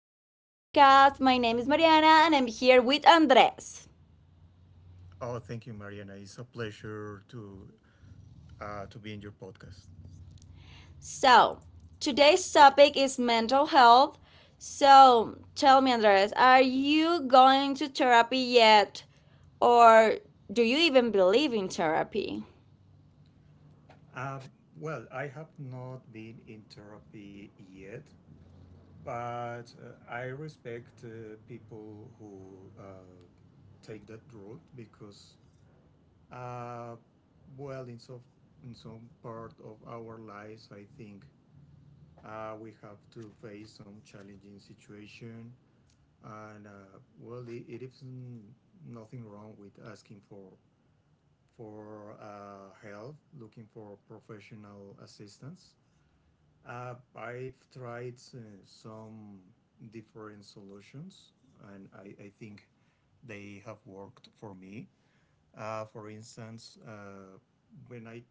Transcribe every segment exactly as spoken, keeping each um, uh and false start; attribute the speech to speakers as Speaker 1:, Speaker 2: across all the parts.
Speaker 1: our podcast. My name is Mariana and I'm here with Andres.
Speaker 2: Oh, thank you, Mariana. It's a pleasure to uh, to be in your podcast.
Speaker 1: So, today's topic is mental health. So, tell me, Andres, are you going to therapy yet? Or do you even believe in therapy?
Speaker 2: Uh, well, I have not been in therapy yet, but uh, I respect uh, people who uh, take that route because, uh, well, in some in some part of our lives, I think uh, we have to face some challenging situation, and uh, well, it, it is n- nothing wrong with asking for for uh, help, looking for professional assistance. Uh, I've tried uh, some different solutions, and I, I think they have worked for me. Uh, for instance, uh, when I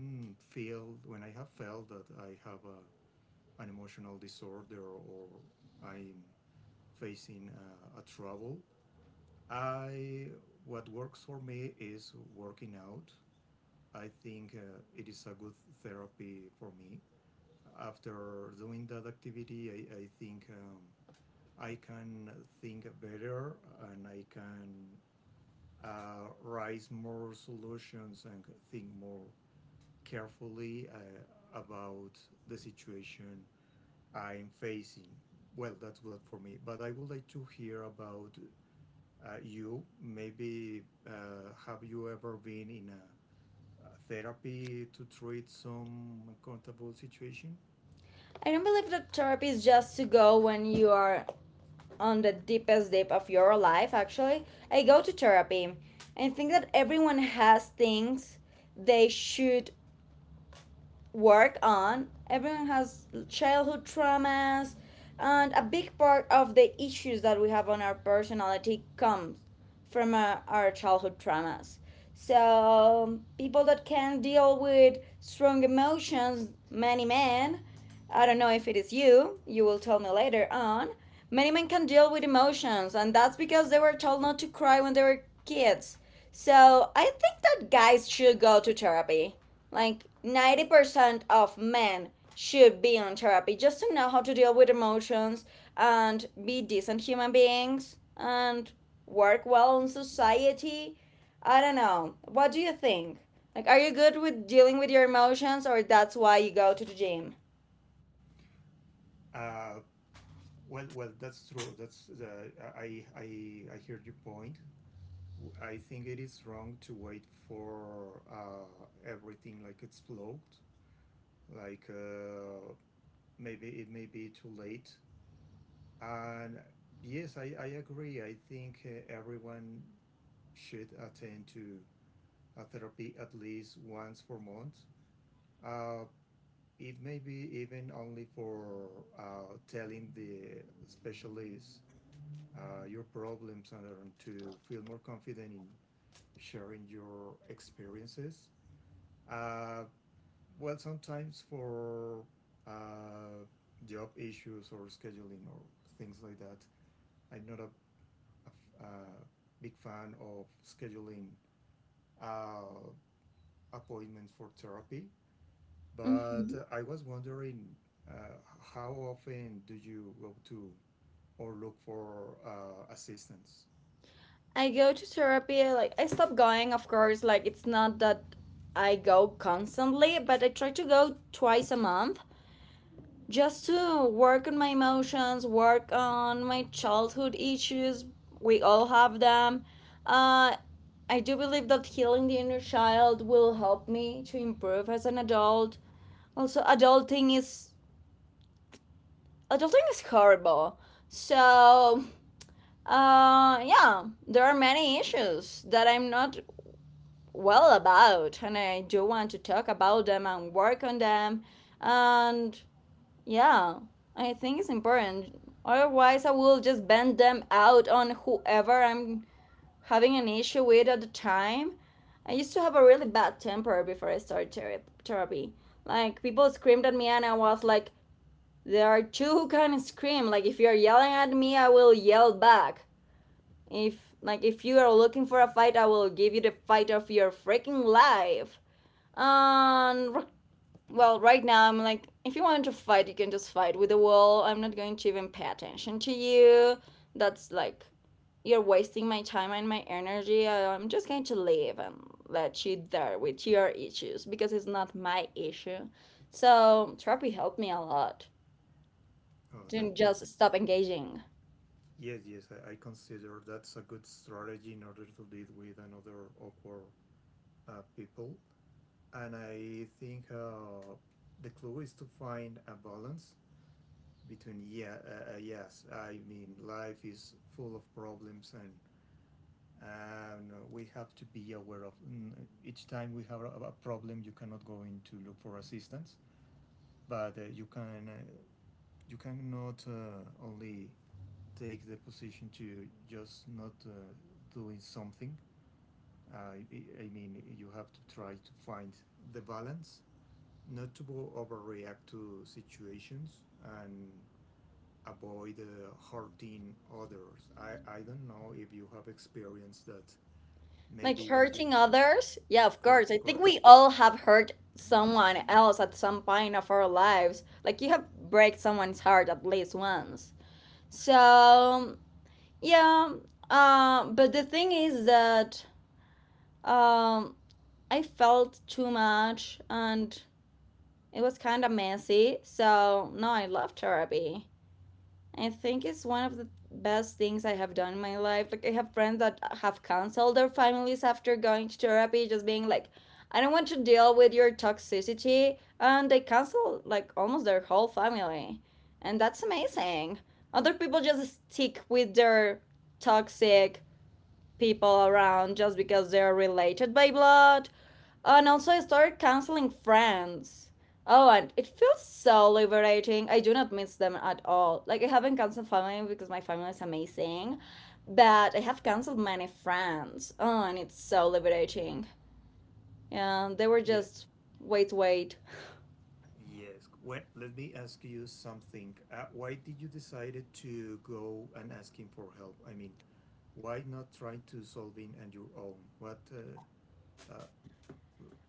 Speaker 2: mm, feel when I have felt that I have a, an emotional disorder or I'm facing uh, a trouble, I what works for me is working out. I think uh, it is a good therapy for me. After doing that activity, I, I think um, I can think better, and I can uh, raise more solutions and think more carefully uh, about the situation I'm facing. Well, that's good for me. But I would like to hear about uh, you. Maybe uh, have you ever been in a uh, therapy to treat some uncomfortable situation?
Speaker 1: I don't believe that therapy is just to go when you are on the deepest dip of your life, actually. I go to therapy. I think that everyone has things they should work on. Everyone has childhood traumas, and a big part of the issues that we have on our personality comes from uh, our childhood traumas. So, people that can deal with strong emotions, many men, I don't know if it is you, you will tell me later on. Many men can deal with emotions, and that's because they were told not to cry when they were kids. So, I think that guys should go to therapy. Like ninety percent of men should be on therapy just to know how to deal with emotions and be decent human beings and work well in society. I don't know. What do you think? Like, are you good with dealing with your emotions, or that's why you go to the gym?
Speaker 2: Uh, well, well, that's true. That's the, I, I I heard your point. I think it is wrong to wait for uh, everything like explode. Like uh, Maybe it may be too late. And yes, I, I agree. I think uh, everyone should attend to a therapy at least once per month. Uh, It may be even only for uh, telling the specialist uh, your problems and to feel more confident in sharing your experiences. Uh, well, sometimes for uh, job issues or scheduling or things like that, I'm not a a, a f- a big fan of scheduling uh, appointments for therapy. But
Speaker 1: Mhm.
Speaker 2: uh, I was wondering, uh, how often do you go to or look for uh, assistance?
Speaker 1: I go to therapy, like, I stop going, of course. Like, it's not that I go constantly, but I try to go twice a month, just to work on my emotions, work on my childhood issues. We all have them. Uh, I do believe that healing the inner child will help me to improve as an adult. Also, adulting is adulting is horrible. So, uh, yeah, there are many issues that I'm not well about, and I do want to talk about them and work on them. And yeah, I think it's important. Otherwise, I will just bend them out on whoever I'm having an issue with at the time. I used to have a really bad temper before I started thera- therapy. Like, people screamed at me, and I was like, there are two who can scream. Like, if you're yelling at me, I will yell back. If, like, if you are looking for a fight, I will give you the fight of your freaking life. And well, right now I'm like, if you want to fight, you can just fight with the wall. I'm not going to even pay attention to you. That's like, you're wasting my time and my energy. I- am just going to leave and let you there with your issues because it's not my issue. So, therapy helped me a lot
Speaker 2: Oh, that
Speaker 1: to just
Speaker 2: that's
Speaker 1: stop engaging.
Speaker 2: Yes, yes. I, I consider that's a good strategy in order to deal with another awkward uh, people. And I think uh, the clue is to find a balance between, yeah, uh, uh, yes. I mean, life is full of problems, and and we have to be aware of, mm, each time we have a, problem you cannot go in to look for assistance, but uh, you can, uh, you cannot uh, only take the position to just not uh, doing something. Uh, I, I mean, you have to try to find the balance not to overreact to situations and avoid uh, hurting others. I i don't know if you have experienced that,
Speaker 1: Like,
Speaker 2: maybe when you
Speaker 1: hurting others? Yeah, of course. I
Speaker 2: correct,
Speaker 1: think
Speaker 2: correct.
Speaker 1: we all have hurt someone else at some point of our lives. Like, you have break someone's heart at least once. So yeah, uh, but the thing is that um, I felt too much and it was kind of messy. So, no, I love therapy. I think it's one of the best things I have done in my life. Like, I have friends that have canceled their families after going to therapy, just being like, I don't want to deal with your toxicity. And they cancel like almost their whole family. And that's amazing. Other people just stick with their toxic people around just because they're related by blood. And also, I started canceling friends. Oh, and it feels so liberating. I do not miss them at all. Like, I haven't canceled family because my family is amazing, but I have canceled many friends. Oh, and it's so liberating. And they were
Speaker 2: Yeah,
Speaker 1: just wait, wait,
Speaker 2: yes. Well, let me ask you something. Uh, why did you decided to go and asking for help? I mean, why not try to solving on your own? What, uh, uh,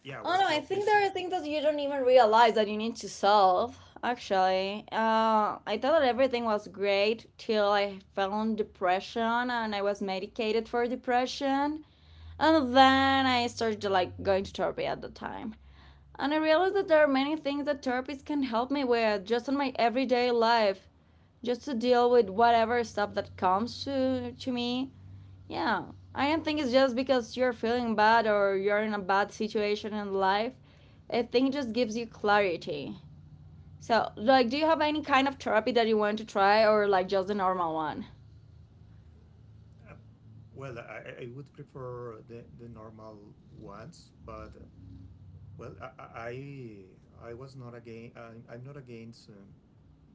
Speaker 2: yeah,
Speaker 1: oh no,
Speaker 2: what
Speaker 1: I
Speaker 2: drove you
Speaker 1: think
Speaker 2: to?
Speaker 1: there are things that you don't even realize that you need to solve. Actually, uh, I thought that everything was great till I fell in depression and I was medicated for depression, and then I started like going to therapy at the time, and I realized that there are many things that therapists can help me with just in my everyday life, just to deal with whatever stuff that comes to to me. Yeah, I don't think it's just because you're feeling bad or you're in a bad situation in life. I think it just gives you clarity. So, like, do you have any kind of therapy that you want to try or like just the normal one?
Speaker 2: Uh, well, I, I I would prefer the, the normal ones, but uh, well, I, I I I was not against. I'm, I'm not against, um,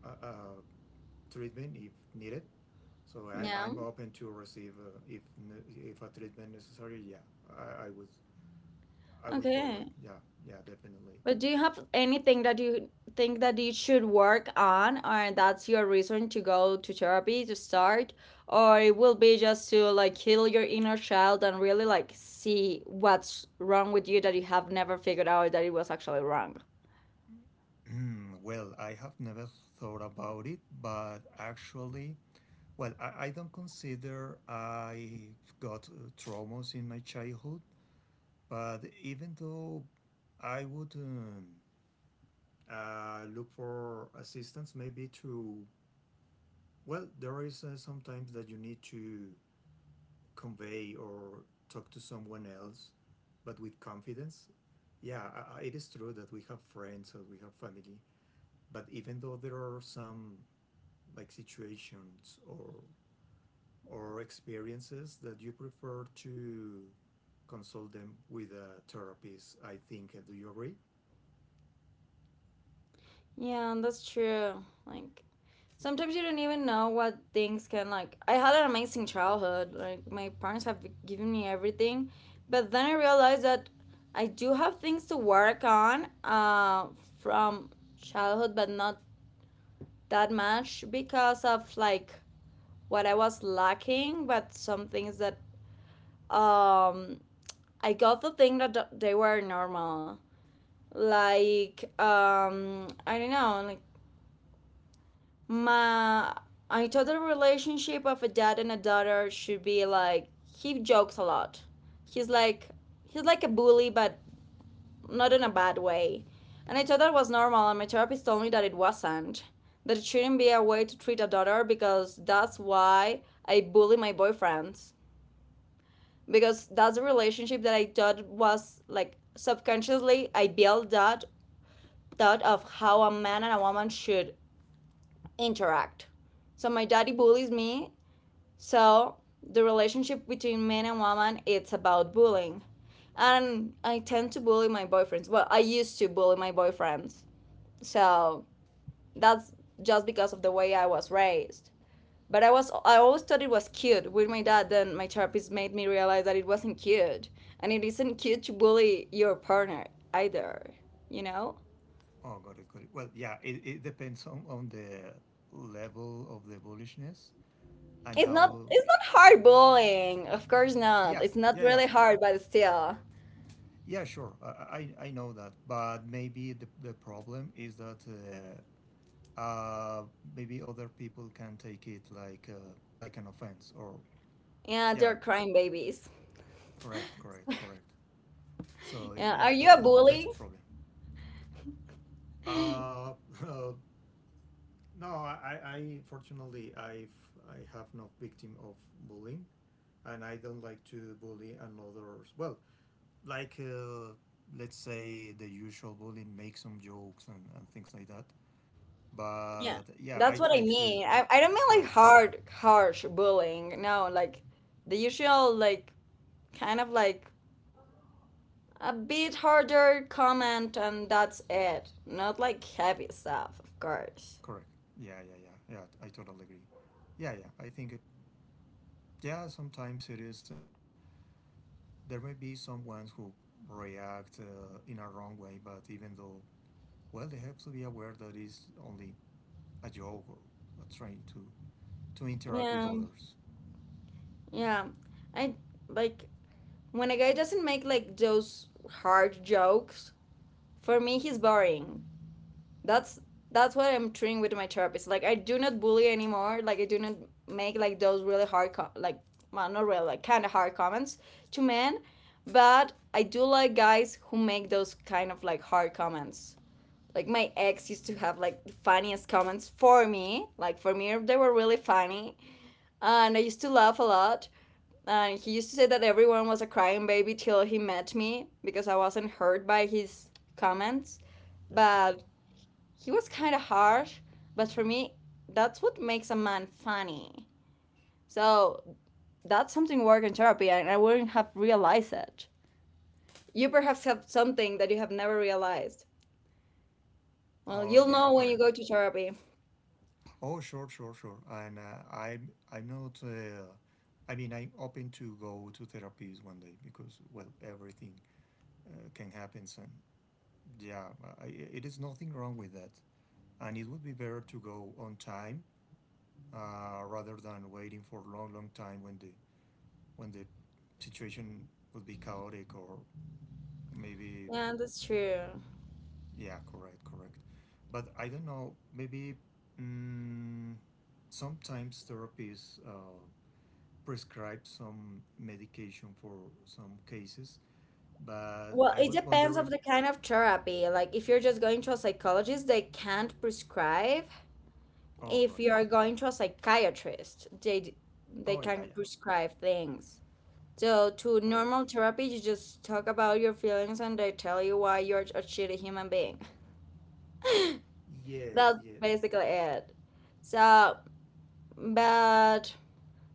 Speaker 2: uh, uh, treatment if needed. So I, I'm
Speaker 1: No.
Speaker 2: open to receive uh, if ne- if a treatment necessary. Yeah, I, I would I would follow it.
Speaker 1: Okay.
Speaker 2: Yeah, yeah, definitely.
Speaker 1: But do you have anything that you think that you should work on or that's your reason to go to therapy to start, or it will be just to like heal your inner child and really like see what's wrong with you that you have never figured out that it was actually wrong?
Speaker 2: Mm, well, I have never thought about it, but actually, well, I, I don't consider I've got uh, traumas in my childhood, but even though I would, um, uh, look for assistance, maybe to, well, there is uh, sometimes that you need to convey or talk to someone else, but with confidence. Yeah, I, I- it is true that we have friends or we have family. But even though there are some like situations or or experiences that you prefer to consult them with a therapist, I think. Do you agree?
Speaker 1: Yeah, that's true. Like sometimes you don't even know what things can like I had an amazing childhood. Like my parents have given me everything, but then I realized that I do have things to work on uh from childhood but not that much because of like what I was lacking, but some things that um I got the thing that th- they were normal. Like um I don't know, like my I thought the relationship of a dad and a daughter should be like he jokes a lot. He's like he's like a bully, but not in a bad way. And I thought that was normal, and my therapist told me that it wasn't. That it shouldn't be a way to treat a daughter because that's why I bully my boyfriends. Because that's a relationship that I thought was like subconsciously I built that thought of how a man and a woman should interact. So my daddy bullies me. So the relationship between men and women it's about bullying. And I tend to bully my boyfriends. Well, I used to bully my boyfriends. So that's just because of the way I was raised. But I was I always thought it was cute with my dad, then my therapist made me realize that it wasn't cute. And it isn't cute to bully your partner either, you know?
Speaker 2: Oh, got it, got it. Well, yeah, it, it depends on, on the level of the bullishness and
Speaker 1: It's not
Speaker 2: how.
Speaker 1: it's not hard bullying. Of course not.
Speaker 2: Yeah,
Speaker 1: It's not
Speaker 2: yeah, yeah.
Speaker 1: really hard, but still.
Speaker 2: Yeah, sure. I, I, I know that. But maybe the, the problem is that uh, uh, maybe other people can take it like, uh, like an offense, or
Speaker 1: Yeah,
Speaker 2: yeah,
Speaker 1: they're crying babies.
Speaker 2: correct, correct, correct. So
Speaker 1: Yeah, are
Speaker 2: yeah,
Speaker 1: you
Speaker 2: that,
Speaker 1: a
Speaker 2: that that's a
Speaker 1: bully?
Speaker 2: problem. Uh, no, I, I fortunately I I have not victim of bullying, and I don't like to bully another. Well, like uh, let's say the usual bullying, make some jokes and, and things like that. But
Speaker 1: Yeah.
Speaker 2: yeah, I
Speaker 1: That's what
Speaker 2: try
Speaker 1: I
Speaker 2: to
Speaker 1: mean. I, I don't mean
Speaker 2: correct,
Speaker 1: like hard, harsh bullying. No, like the usual, like kind of like a bit harder comment and that's it. Not like heavy stuff, of course.
Speaker 2: correct. Yeah, yeah, yeah, yeah. I totally agree. Yeah, yeah. I think uh, yeah. Sometimes it is. Uh, there may be some ones who react uh, in a wrong way, but even though, well, they have to be aware that it's only a joke or uh, trying to, to interact with
Speaker 1: Yeah,
Speaker 2: others.
Speaker 1: yeah. I like when a guy doesn't make like those hard jokes, for me, he's boring. that's that's what I'm treating with my therapist. Like I do not bully anymore. Like I do not make like those really hard com- like well, not really like kind of hard comments to men, but I do like guys who make those kind of like hard comments. Like my ex used to have like the funniest comments for me. Like for me they were really funny and I used to laugh a lot. And he used to say that everyone was a crying baby till he met me because I wasn't hurt by his comments.
Speaker 2: Yeah, correct.
Speaker 1: But he was kind of harsh, but for me, that's what makes a man funny. So that's something work in therapy, and I wouldn't have realized it. You perhaps have something that you have never realized. Well,
Speaker 2: Oh
Speaker 1: you'll
Speaker 2: yeah,
Speaker 1: know when you
Speaker 2: correct.
Speaker 1: go
Speaker 2: Yeah.
Speaker 1: to therapy.
Speaker 2: Oh sure, sure, sure. And uh, I'm I'm not. Uh, I mean, I'm open to go to therapies one day because well, everything uh, can happen. And yeah, I, it is nothing wrong with that. And it would be better to go on time uh, rather than waiting for a long, long time when the when the situation would be chaotic or maybe
Speaker 1: Yeah, that's true.
Speaker 2: yeah, correct, correct. But I don't know. Maybe mm, sometimes therapists uh, prescribe some medication for some cases. But
Speaker 1: Well,
Speaker 2: I
Speaker 1: it
Speaker 2: was
Speaker 1: depends of
Speaker 2: wondering.
Speaker 1: the kind of therapy. Like if you're just going to a psychologist, they can't prescribe.
Speaker 2: Oh,
Speaker 1: If
Speaker 2: got
Speaker 1: you
Speaker 2: it.
Speaker 1: are going to a psychiatrist, they d- they
Speaker 2: Oh yeah,
Speaker 1: can
Speaker 2: yeah,
Speaker 1: prescribe things. So to
Speaker 2: correct,
Speaker 1: normal
Speaker 2: correct.
Speaker 1: therapy, you just talk about your feelings and they tell you why you're a shitty human being.
Speaker 2: Yes,
Speaker 1: That's
Speaker 2: yes.
Speaker 1: basically it. So, but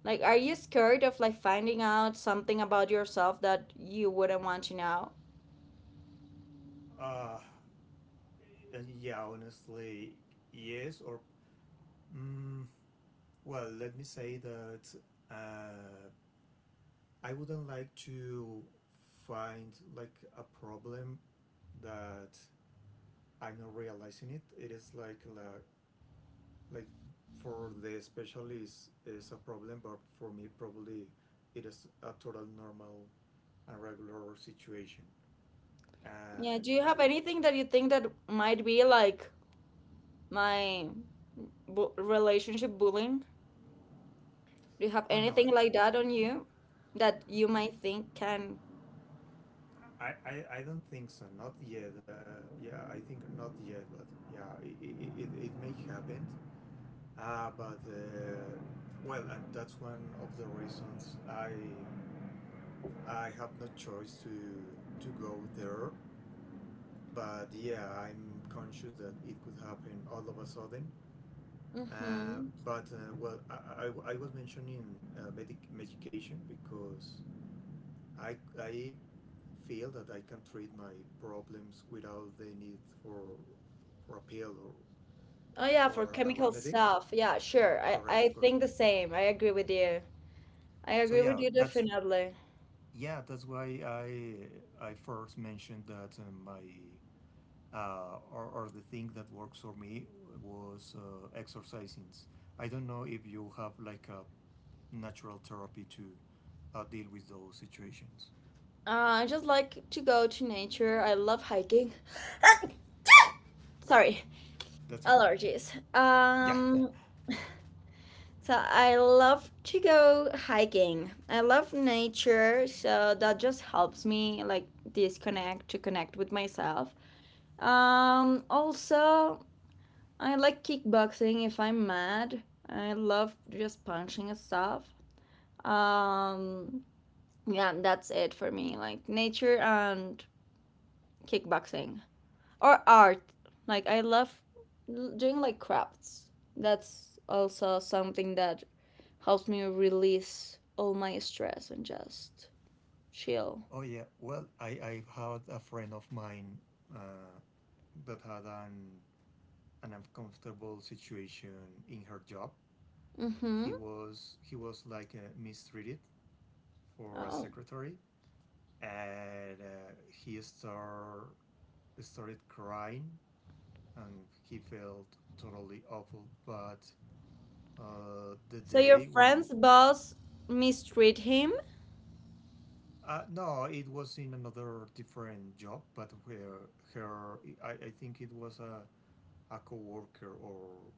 Speaker 1: like, are you scared of like finding out something about yourself that you wouldn't want to know?
Speaker 2: Uh, uh, yeah. Honestly, yes. Or mm, well, let me say that uh, I wouldn't like to find like a problem that I'm not realizing it. It is like la- like for the specialist is a problem, but for me probably it is a total normal and regular situation.
Speaker 1: Yeah.
Speaker 2: And
Speaker 1: Do you have anything that you think that might be like my bu- relationship bullying? Do you have
Speaker 2: uh, oh no, no,
Speaker 1: anything like that on you that you might think can?
Speaker 2: I, I, I don't think so. Not yet. Uh, yeah, I think not yet, but yeah, it, it, it, it may happen. Ah, but uh, well, and that's one of the reasons I I have no choice to to go there. But yeah, I'm conscious that it could happen all of a sudden. Uh,
Speaker 1: Mm-hmm.
Speaker 2: but uh, well, I, I, I was mentioning uh, medic- medication because I I feel that I can treat my problems without the need for for a pill or
Speaker 1: Oh yeah, for
Speaker 2: or a
Speaker 1: chemical
Speaker 2: remedy.
Speaker 1: stuff. Yeah, sure. I I
Speaker 2: Correct, correct.
Speaker 1: think the same. I agree with you. I
Speaker 2: So
Speaker 1: agree with
Speaker 2: yeah,
Speaker 1: you
Speaker 2: that's
Speaker 1: definitely.
Speaker 2: Yeah, that's why I I first mentioned that uh, my, uh, or, or the thing that works for me was uh, exercising. I don't know if you have like a natural therapy to uh, deal with those situations.
Speaker 1: Uh, I just like to go to nature. I love hiking. Sorry,
Speaker 2: That's okay.
Speaker 1: allergies.
Speaker 2: Yeah.
Speaker 1: Um, so I love to go hiking. I love nature, so that just helps me like disconnect to connect with myself. Um, also, I like kickboxing if I'm mad. I love just punching stuff. Um, yeah, that's it for me. Like nature and kickboxing or art. Like I love l- doing like crafts. That's also something that helps me release all my stress and just chill.
Speaker 2: Oh yeah. Well, I I had a friend of mine uh, that had an an uncomfortable situation in her job.
Speaker 1: Mm-hmm.
Speaker 2: He was he was like uh, mistreated for a
Speaker 1: Oh.
Speaker 2: secretary, and uh, he start, started crying and he felt totally awful, but uh, the
Speaker 1: So your
Speaker 2: day when
Speaker 1: friend's boss mistreat him?
Speaker 2: uh, no, it was in another different job, but where her, I, I think it was a, a co-worker or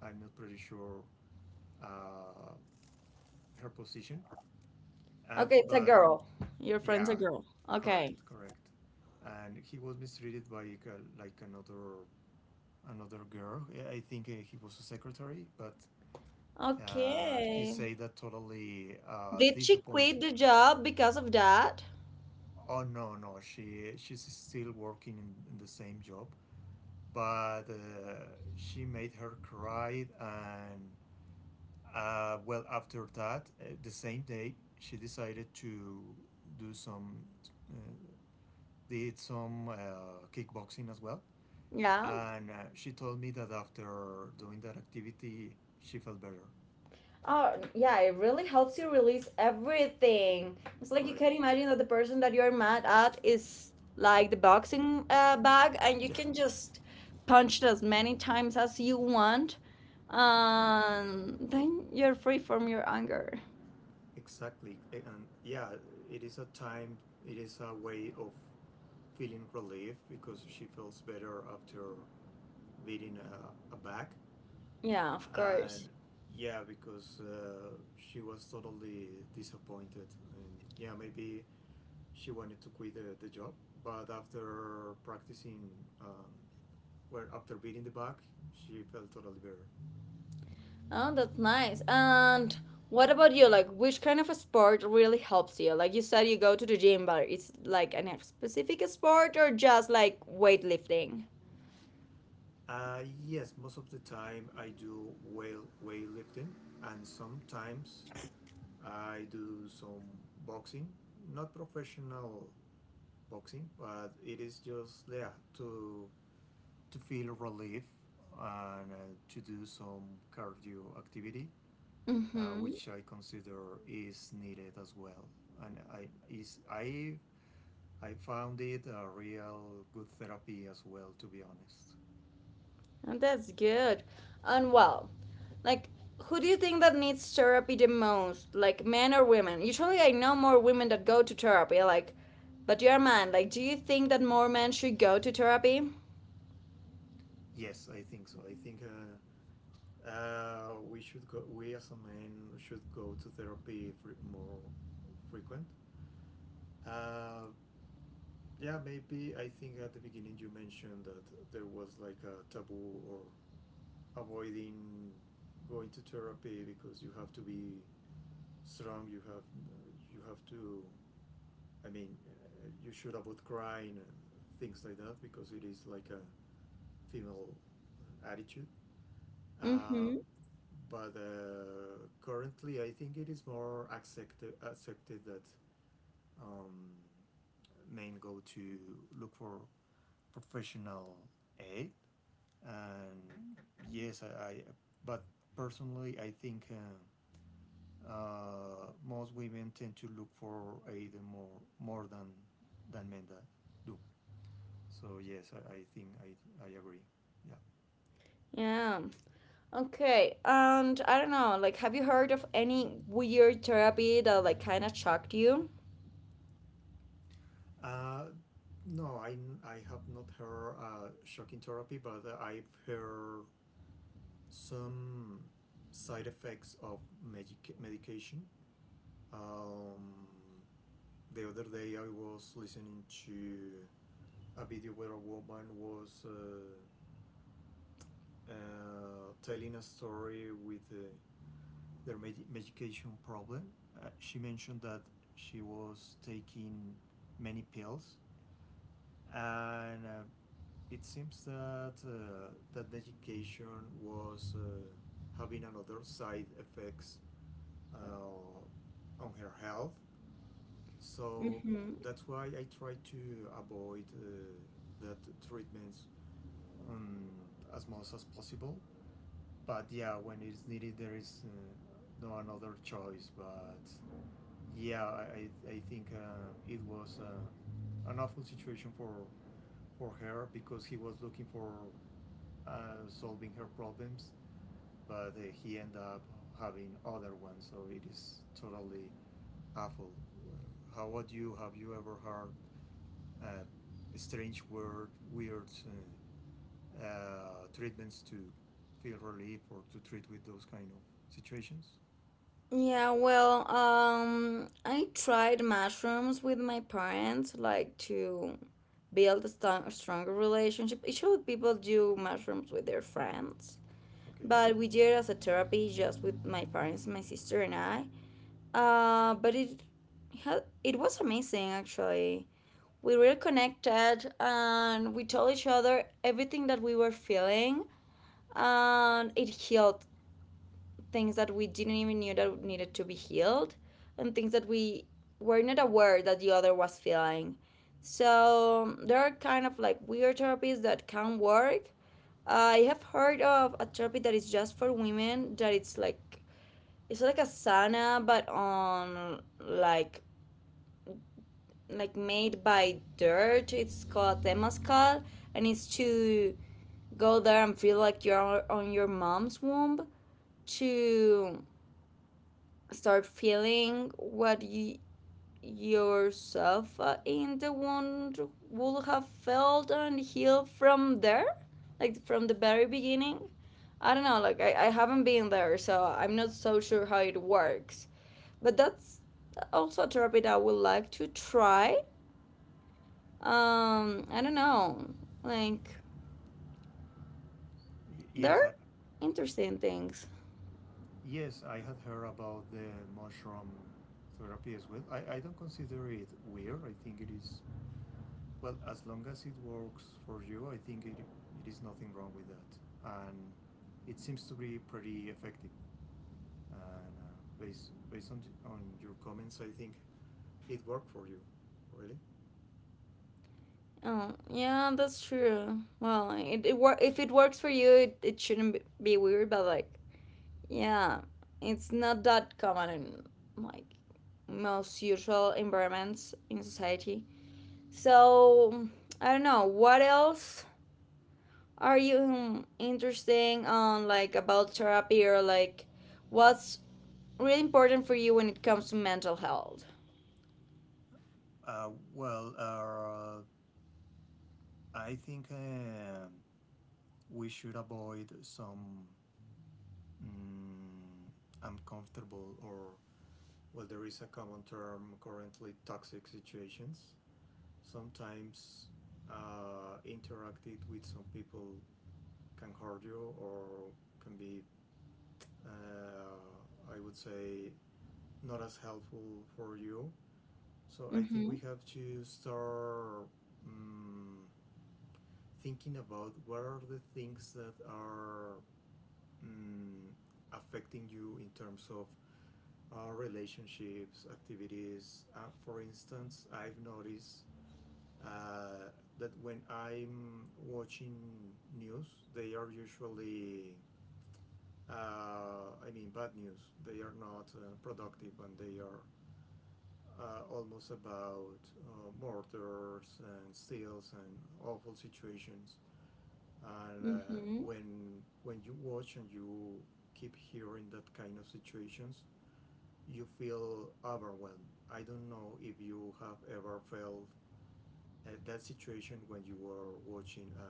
Speaker 2: I'm not pretty sure, uh, her position, uh,
Speaker 1: Okay, it's a
Speaker 2: but
Speaker 1: girl. Your friend's a
Speaker 2: yeah,
Speaker 1: girl. Okay.
Speaker 2: correct, correct. And he was mistreated by, like, like another another girl. Yeah, I think uh, he was a secretary, but uh, he
Speaker 1: Okay.
Speaker 2: said that totally uh,
Speaker 1: Did she quit
Speaker 2: disappointed.
Speaker 1: the job because of that?
Speaker 2: Oh no, no, she she's still working in, in the same job, but uh, she made her cry, and uh, well, after that, uh, the same day, she decided to do some uh, did some uh, kickboxing as well,
Speaker 1: Yeah.
Speaker 2: and uh, she told me that after doing that activity, she felt better.
Speaker 1: Oh, yeah, it really helps you release everything. It's like you
Speaker 2: Correct.
Speaker 1: can imagine that the person that you're mad at is like the boxing uh, bag, and you
Speaker 2: Yeah,
Speaker 1: can just punch it as many times as you want. Um, then you're free from your anger.
Speaker 2: exactly. And yeah, it is a time, it is a way of feeling relief because she feels better after beating a, a back.
Speaker 1: Yeah, of
Speaker 2: And
Speaker 1: course.
Speaker 2: yeah, because uh, she was totally disappointed. And yeah, maybe she wanted to quit the, the job, but after practicing, um, well, after beating the back, she felt totally better.
Speaker 1: Oh, that's nice. And what about you? Like, which kind of a sport really helps you? Like you said, you go to the gym, but it's like any specific sport or just like weightlifting?
Speaker 2: Uh, yes, most of the time I do weight weightlifting, and sometimes I do some boxing, not professional boxing, but it is just there to to feel relief and uh, to do some cardio activity, uh,
Speaker 1: Mm-hmm.
Speaker 2: which I consider is needed as well. And I is I I found it a real good therapy as well, to be honest.
Speaker 1: And that's good. And well, like, who do you think that needs therapy the most? Like, men or women? Usually, I know more women that go to therapy. Like, but you're a man. Like, do you think that more men should go to therapy?
Speaker 2: Yes, I think so. I think. Uh, uh, we should go. We as a man should go to therapy fre- more frequent. Uh, yeah, maybe I think at the beginning you mentioned that there was like a taboo or avoiding going to therapy because you have to be strong. You have you have to. I mean, uh, you should avoid crying and things like that because it is like a female attitude. Uh,
Speaker 1: Mm-hmm.
Speaker 2: but uh, currently, I think it is more accepted accepted that um, men go to look for professional aid, and yes, I, I but personally, I think uh, uh, most women tend to look for aid more more than than men that do. So yes, I, I think I I agree. Yeah.
Speaker 1: Yeah. Okay. And I don't know. Like, have you heard of any weird therapy that like kind of shocked you?
Speaker 2: Uh, no, I, I have not heard uh, shocking therapy, but I've heard some side effects of medic- medication. Um, the other day I was listening to a video where a woman was uh, uh, telling a story with uh, their med- medication problem. Uh, she mentioned that she was taking many pills, and uh, it seems that uh, that medication was uh, having another side effects uh, on her health. So
Speaker 1: Mm-hmm.
Speaker 2: that's why I try to avoid uh, that treatments um, as much as possible. But yeah, when it's needed, there is uh, no another choice. But yeah, I, I think uh, it was uh, an awful situation for, for her because he was looking for uh, solving her problems, but uh, he ended up having other ones. So it is totally awful. Uh, How about you? Have you ever heard uh, strange, weird, weird uh, uh, treatments to feel relief or to treat with those kind of situations.
Speaker 1: Yeah, well, um, I tried mushrooms with my parents, like to build a sto- stronger relationship. Usually, people do mushrooms with their friends,
Speaker 2: Okay.
Speaker 1: but we did it as a therapy, just with my parents, my sister, and I. Uh, but it had, it was amazing, actually. We really connected, and we told each other everything that we were feeling, and it healed things that we didn't even knew that needed to be healed, and things that we were not aware that the other was feeling. So there are kind of like weird therapies that can work. I have heard of a therapy that is just for women, that it's like, it's like a sauna but on like like made by dirt. It's called temazcal, and it's to go there and feel like you're on your mom's womb, to start feeling what you yourself uh, in the wound would have felt, and heal from there, like from the very beginning. I don't know, like I, I haven't been there, so I'm not so sure how it works, but that's also a therapy that I would like to try. um I don't know, like
Speaker 2: Y- yes,
Speaker 1: they're
Speaker 2: I
Speaker 1: interesting things.
Speaker 2: yes, I had heard about the mushroom therapy as well. I, I don't consider it weird. I think it is, well, as long as it works for you. I think it it is nothing wrong with that, and it seems to be pretty effective. And uh, based based on on your comments, I think it worked for you. Really?
Speaker 1: Oh yeah, that's true. Well, it, it wor- if it works for you, it, it shouldn't be be weird, but like, yeah, it's not that common in, like, most usual environments in society. So I don't know what else are you um, interesting on, like about therapy or like what's really important for you when it comes to mental health.
Speaker 2: Uh, well, uh, I think uh, we should avoid some mm, uncomfortable or, well, there is a common term currently toxic situations. Sometimes uh, interacted with some people can hurt you or can be, uh, I would say, not as helpful for you. So I think
Speaker 1: Mm-hmm.
Speaker 2: we have to start. mm Thinking about what are the things that are mm, affecting you in terms of uh, relationships, activities. Uh, for instance, I've noticed uh, that when I'm watching news, they are usually, uh, I mean, bad news. They are not uh, productive and they are uh, almost about uh, murders and steals and awful situations. And uh,
Speaker 1: Mm-hmm.
Speaker 2: when when you watch and you keep hearing that kind of situations, you feel overwhelmed. I don't know if you have ever felt uh, that situation when you were watching um,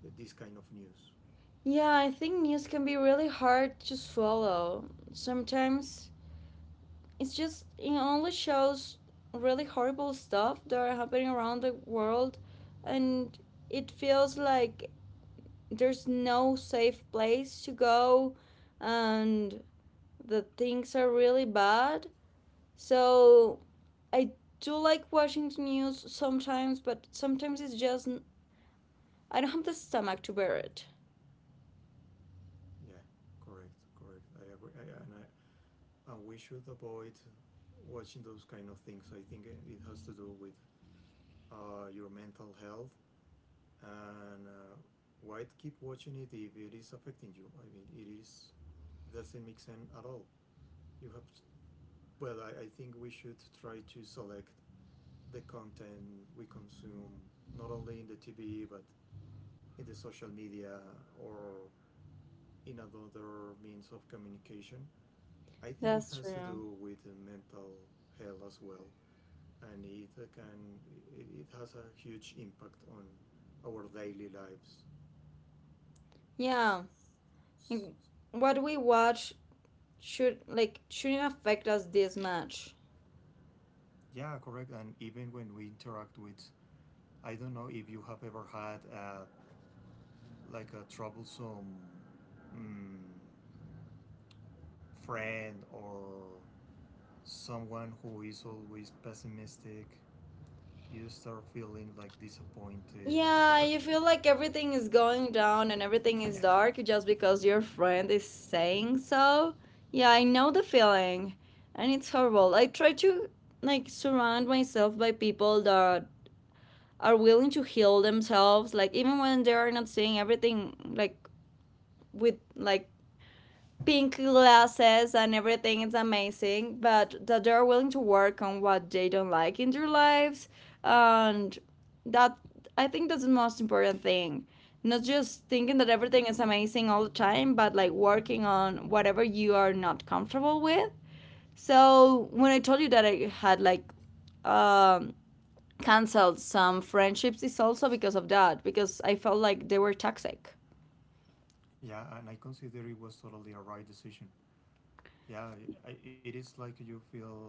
Speaker 2: this kind of news.
Speaker 1: Yeah, I think news can be really hard to swallow. Sometimes it's just, it only shows really horrible stuff that are happening around the world, and it feels like there's no safe place to go, and the things are really bad. So I do like watching the news sometimes, but sometimes it's just, I don't have the stomach to bear it.
Speaker 2: Yeah, correct correct I agree. I, and, I, and we should avoid watching those kind of things. I think uh, it has to do with uh, your mental health. And uh, why keep watching it if it is affecting you? I mean, it is, it doesn't make sense at all. You have, to, well, I, I think we should try to select the content we consume, not only in the T V, but in the social media or in another means of communication. I think it
Speaker 1: That's
Speaker 2: has to
Speaker 1: true.
Speaker 2: do with mental health as well, and it can, it, it has a huge impact on our daily lives.
Speaker 1: Yeah, like, what we watch should, like, shouldn't affect us this much.
Speaker 2: Yeah, correct. And even when we interact with, I don't know if you have ever had a, like, a troublesome mm, friend or someone who is always pessimistic, you start feeling like disappointed and
Speaker 1: Yeah,
Speaker 2: but
Speaker 1: you feel like everything is going down and everything is
Speaker 2: yeah,
Speaker 1: dark just because your friend is saying so. Yeah, I know the feeling, and it's horrible. I try to, like, surround myself by people that are willing to heal themselves, like even when they are not seeing everything like, with like pink glasses and everything is amazing, but that they're willing to work on what they don't like in their lives. And that, I think that's the most important thing. Not just thinking that everything is amazing all the time, but like working on whatever you are not comfortable with. So when I told you that I had like um, canceled some friendships, it's also because of that, because I felt like they were toxic.
Speaker 2: yeah. And I consider it was totally a right decision. Yeah, I, it is like you feel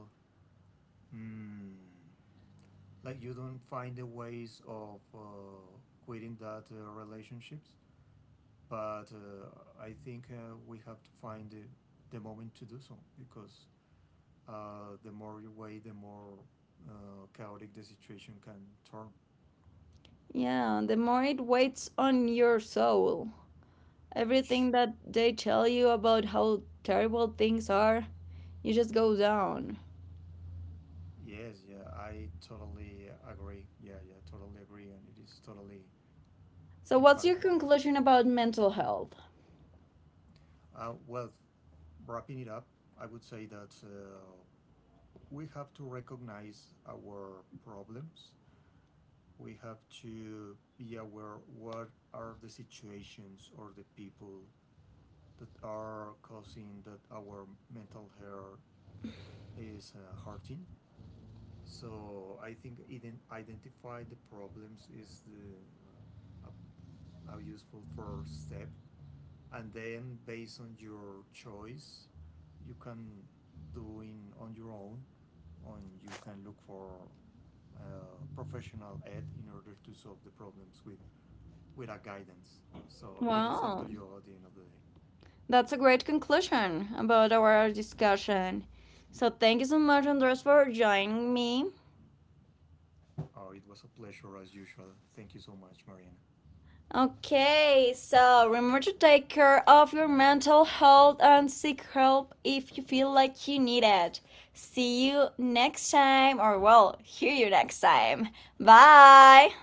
Speaker 2: mm, like you don't find the ways of uh, quitting that uh, relationships. But uh, I think uh, we have to find the, the moment to do so because uh, the more you wait, the more uh, chaotic the situation can turn.
Speaker 1: Yeah, the more it weighs on your soul. Everything that they tell you about how terrible things are, you just go down.
Speaker 2: Yes, yeah, I totally agree. Yeah, yeah, totally agree, and it is totally
Speaker 1: So, what's your
Speaker 2: impactful.
Speaker 1: conclusion about mental health?
Speaker 2: Uh, well, wrapping it up, I would say that uh, we have to recognize our problems. We have to be aware what are the situations or the people that are causing that our mental health is uh, hurting. So I think ident- identify the problems is the uh, a, a useful first step, and then based on your choice, you can do in on your own, and you can look for uh, professional aid in order to solve the problems with with a guidance. So it is up to
Speaker 1: Wow,
Speaker 2: you at the end of the day.
Speaker 1: that's a great conclusion about our discussion. So, thank you so much, Andres, for joining me.
Speaker 2: Oh, it was a pleasure as usual. Thank you so much, Mariana.
Speaker 1: Okay, so remember to take care of your mental health and seek help if you feel like you need it. See you next time, or well, hear you next time. Bye!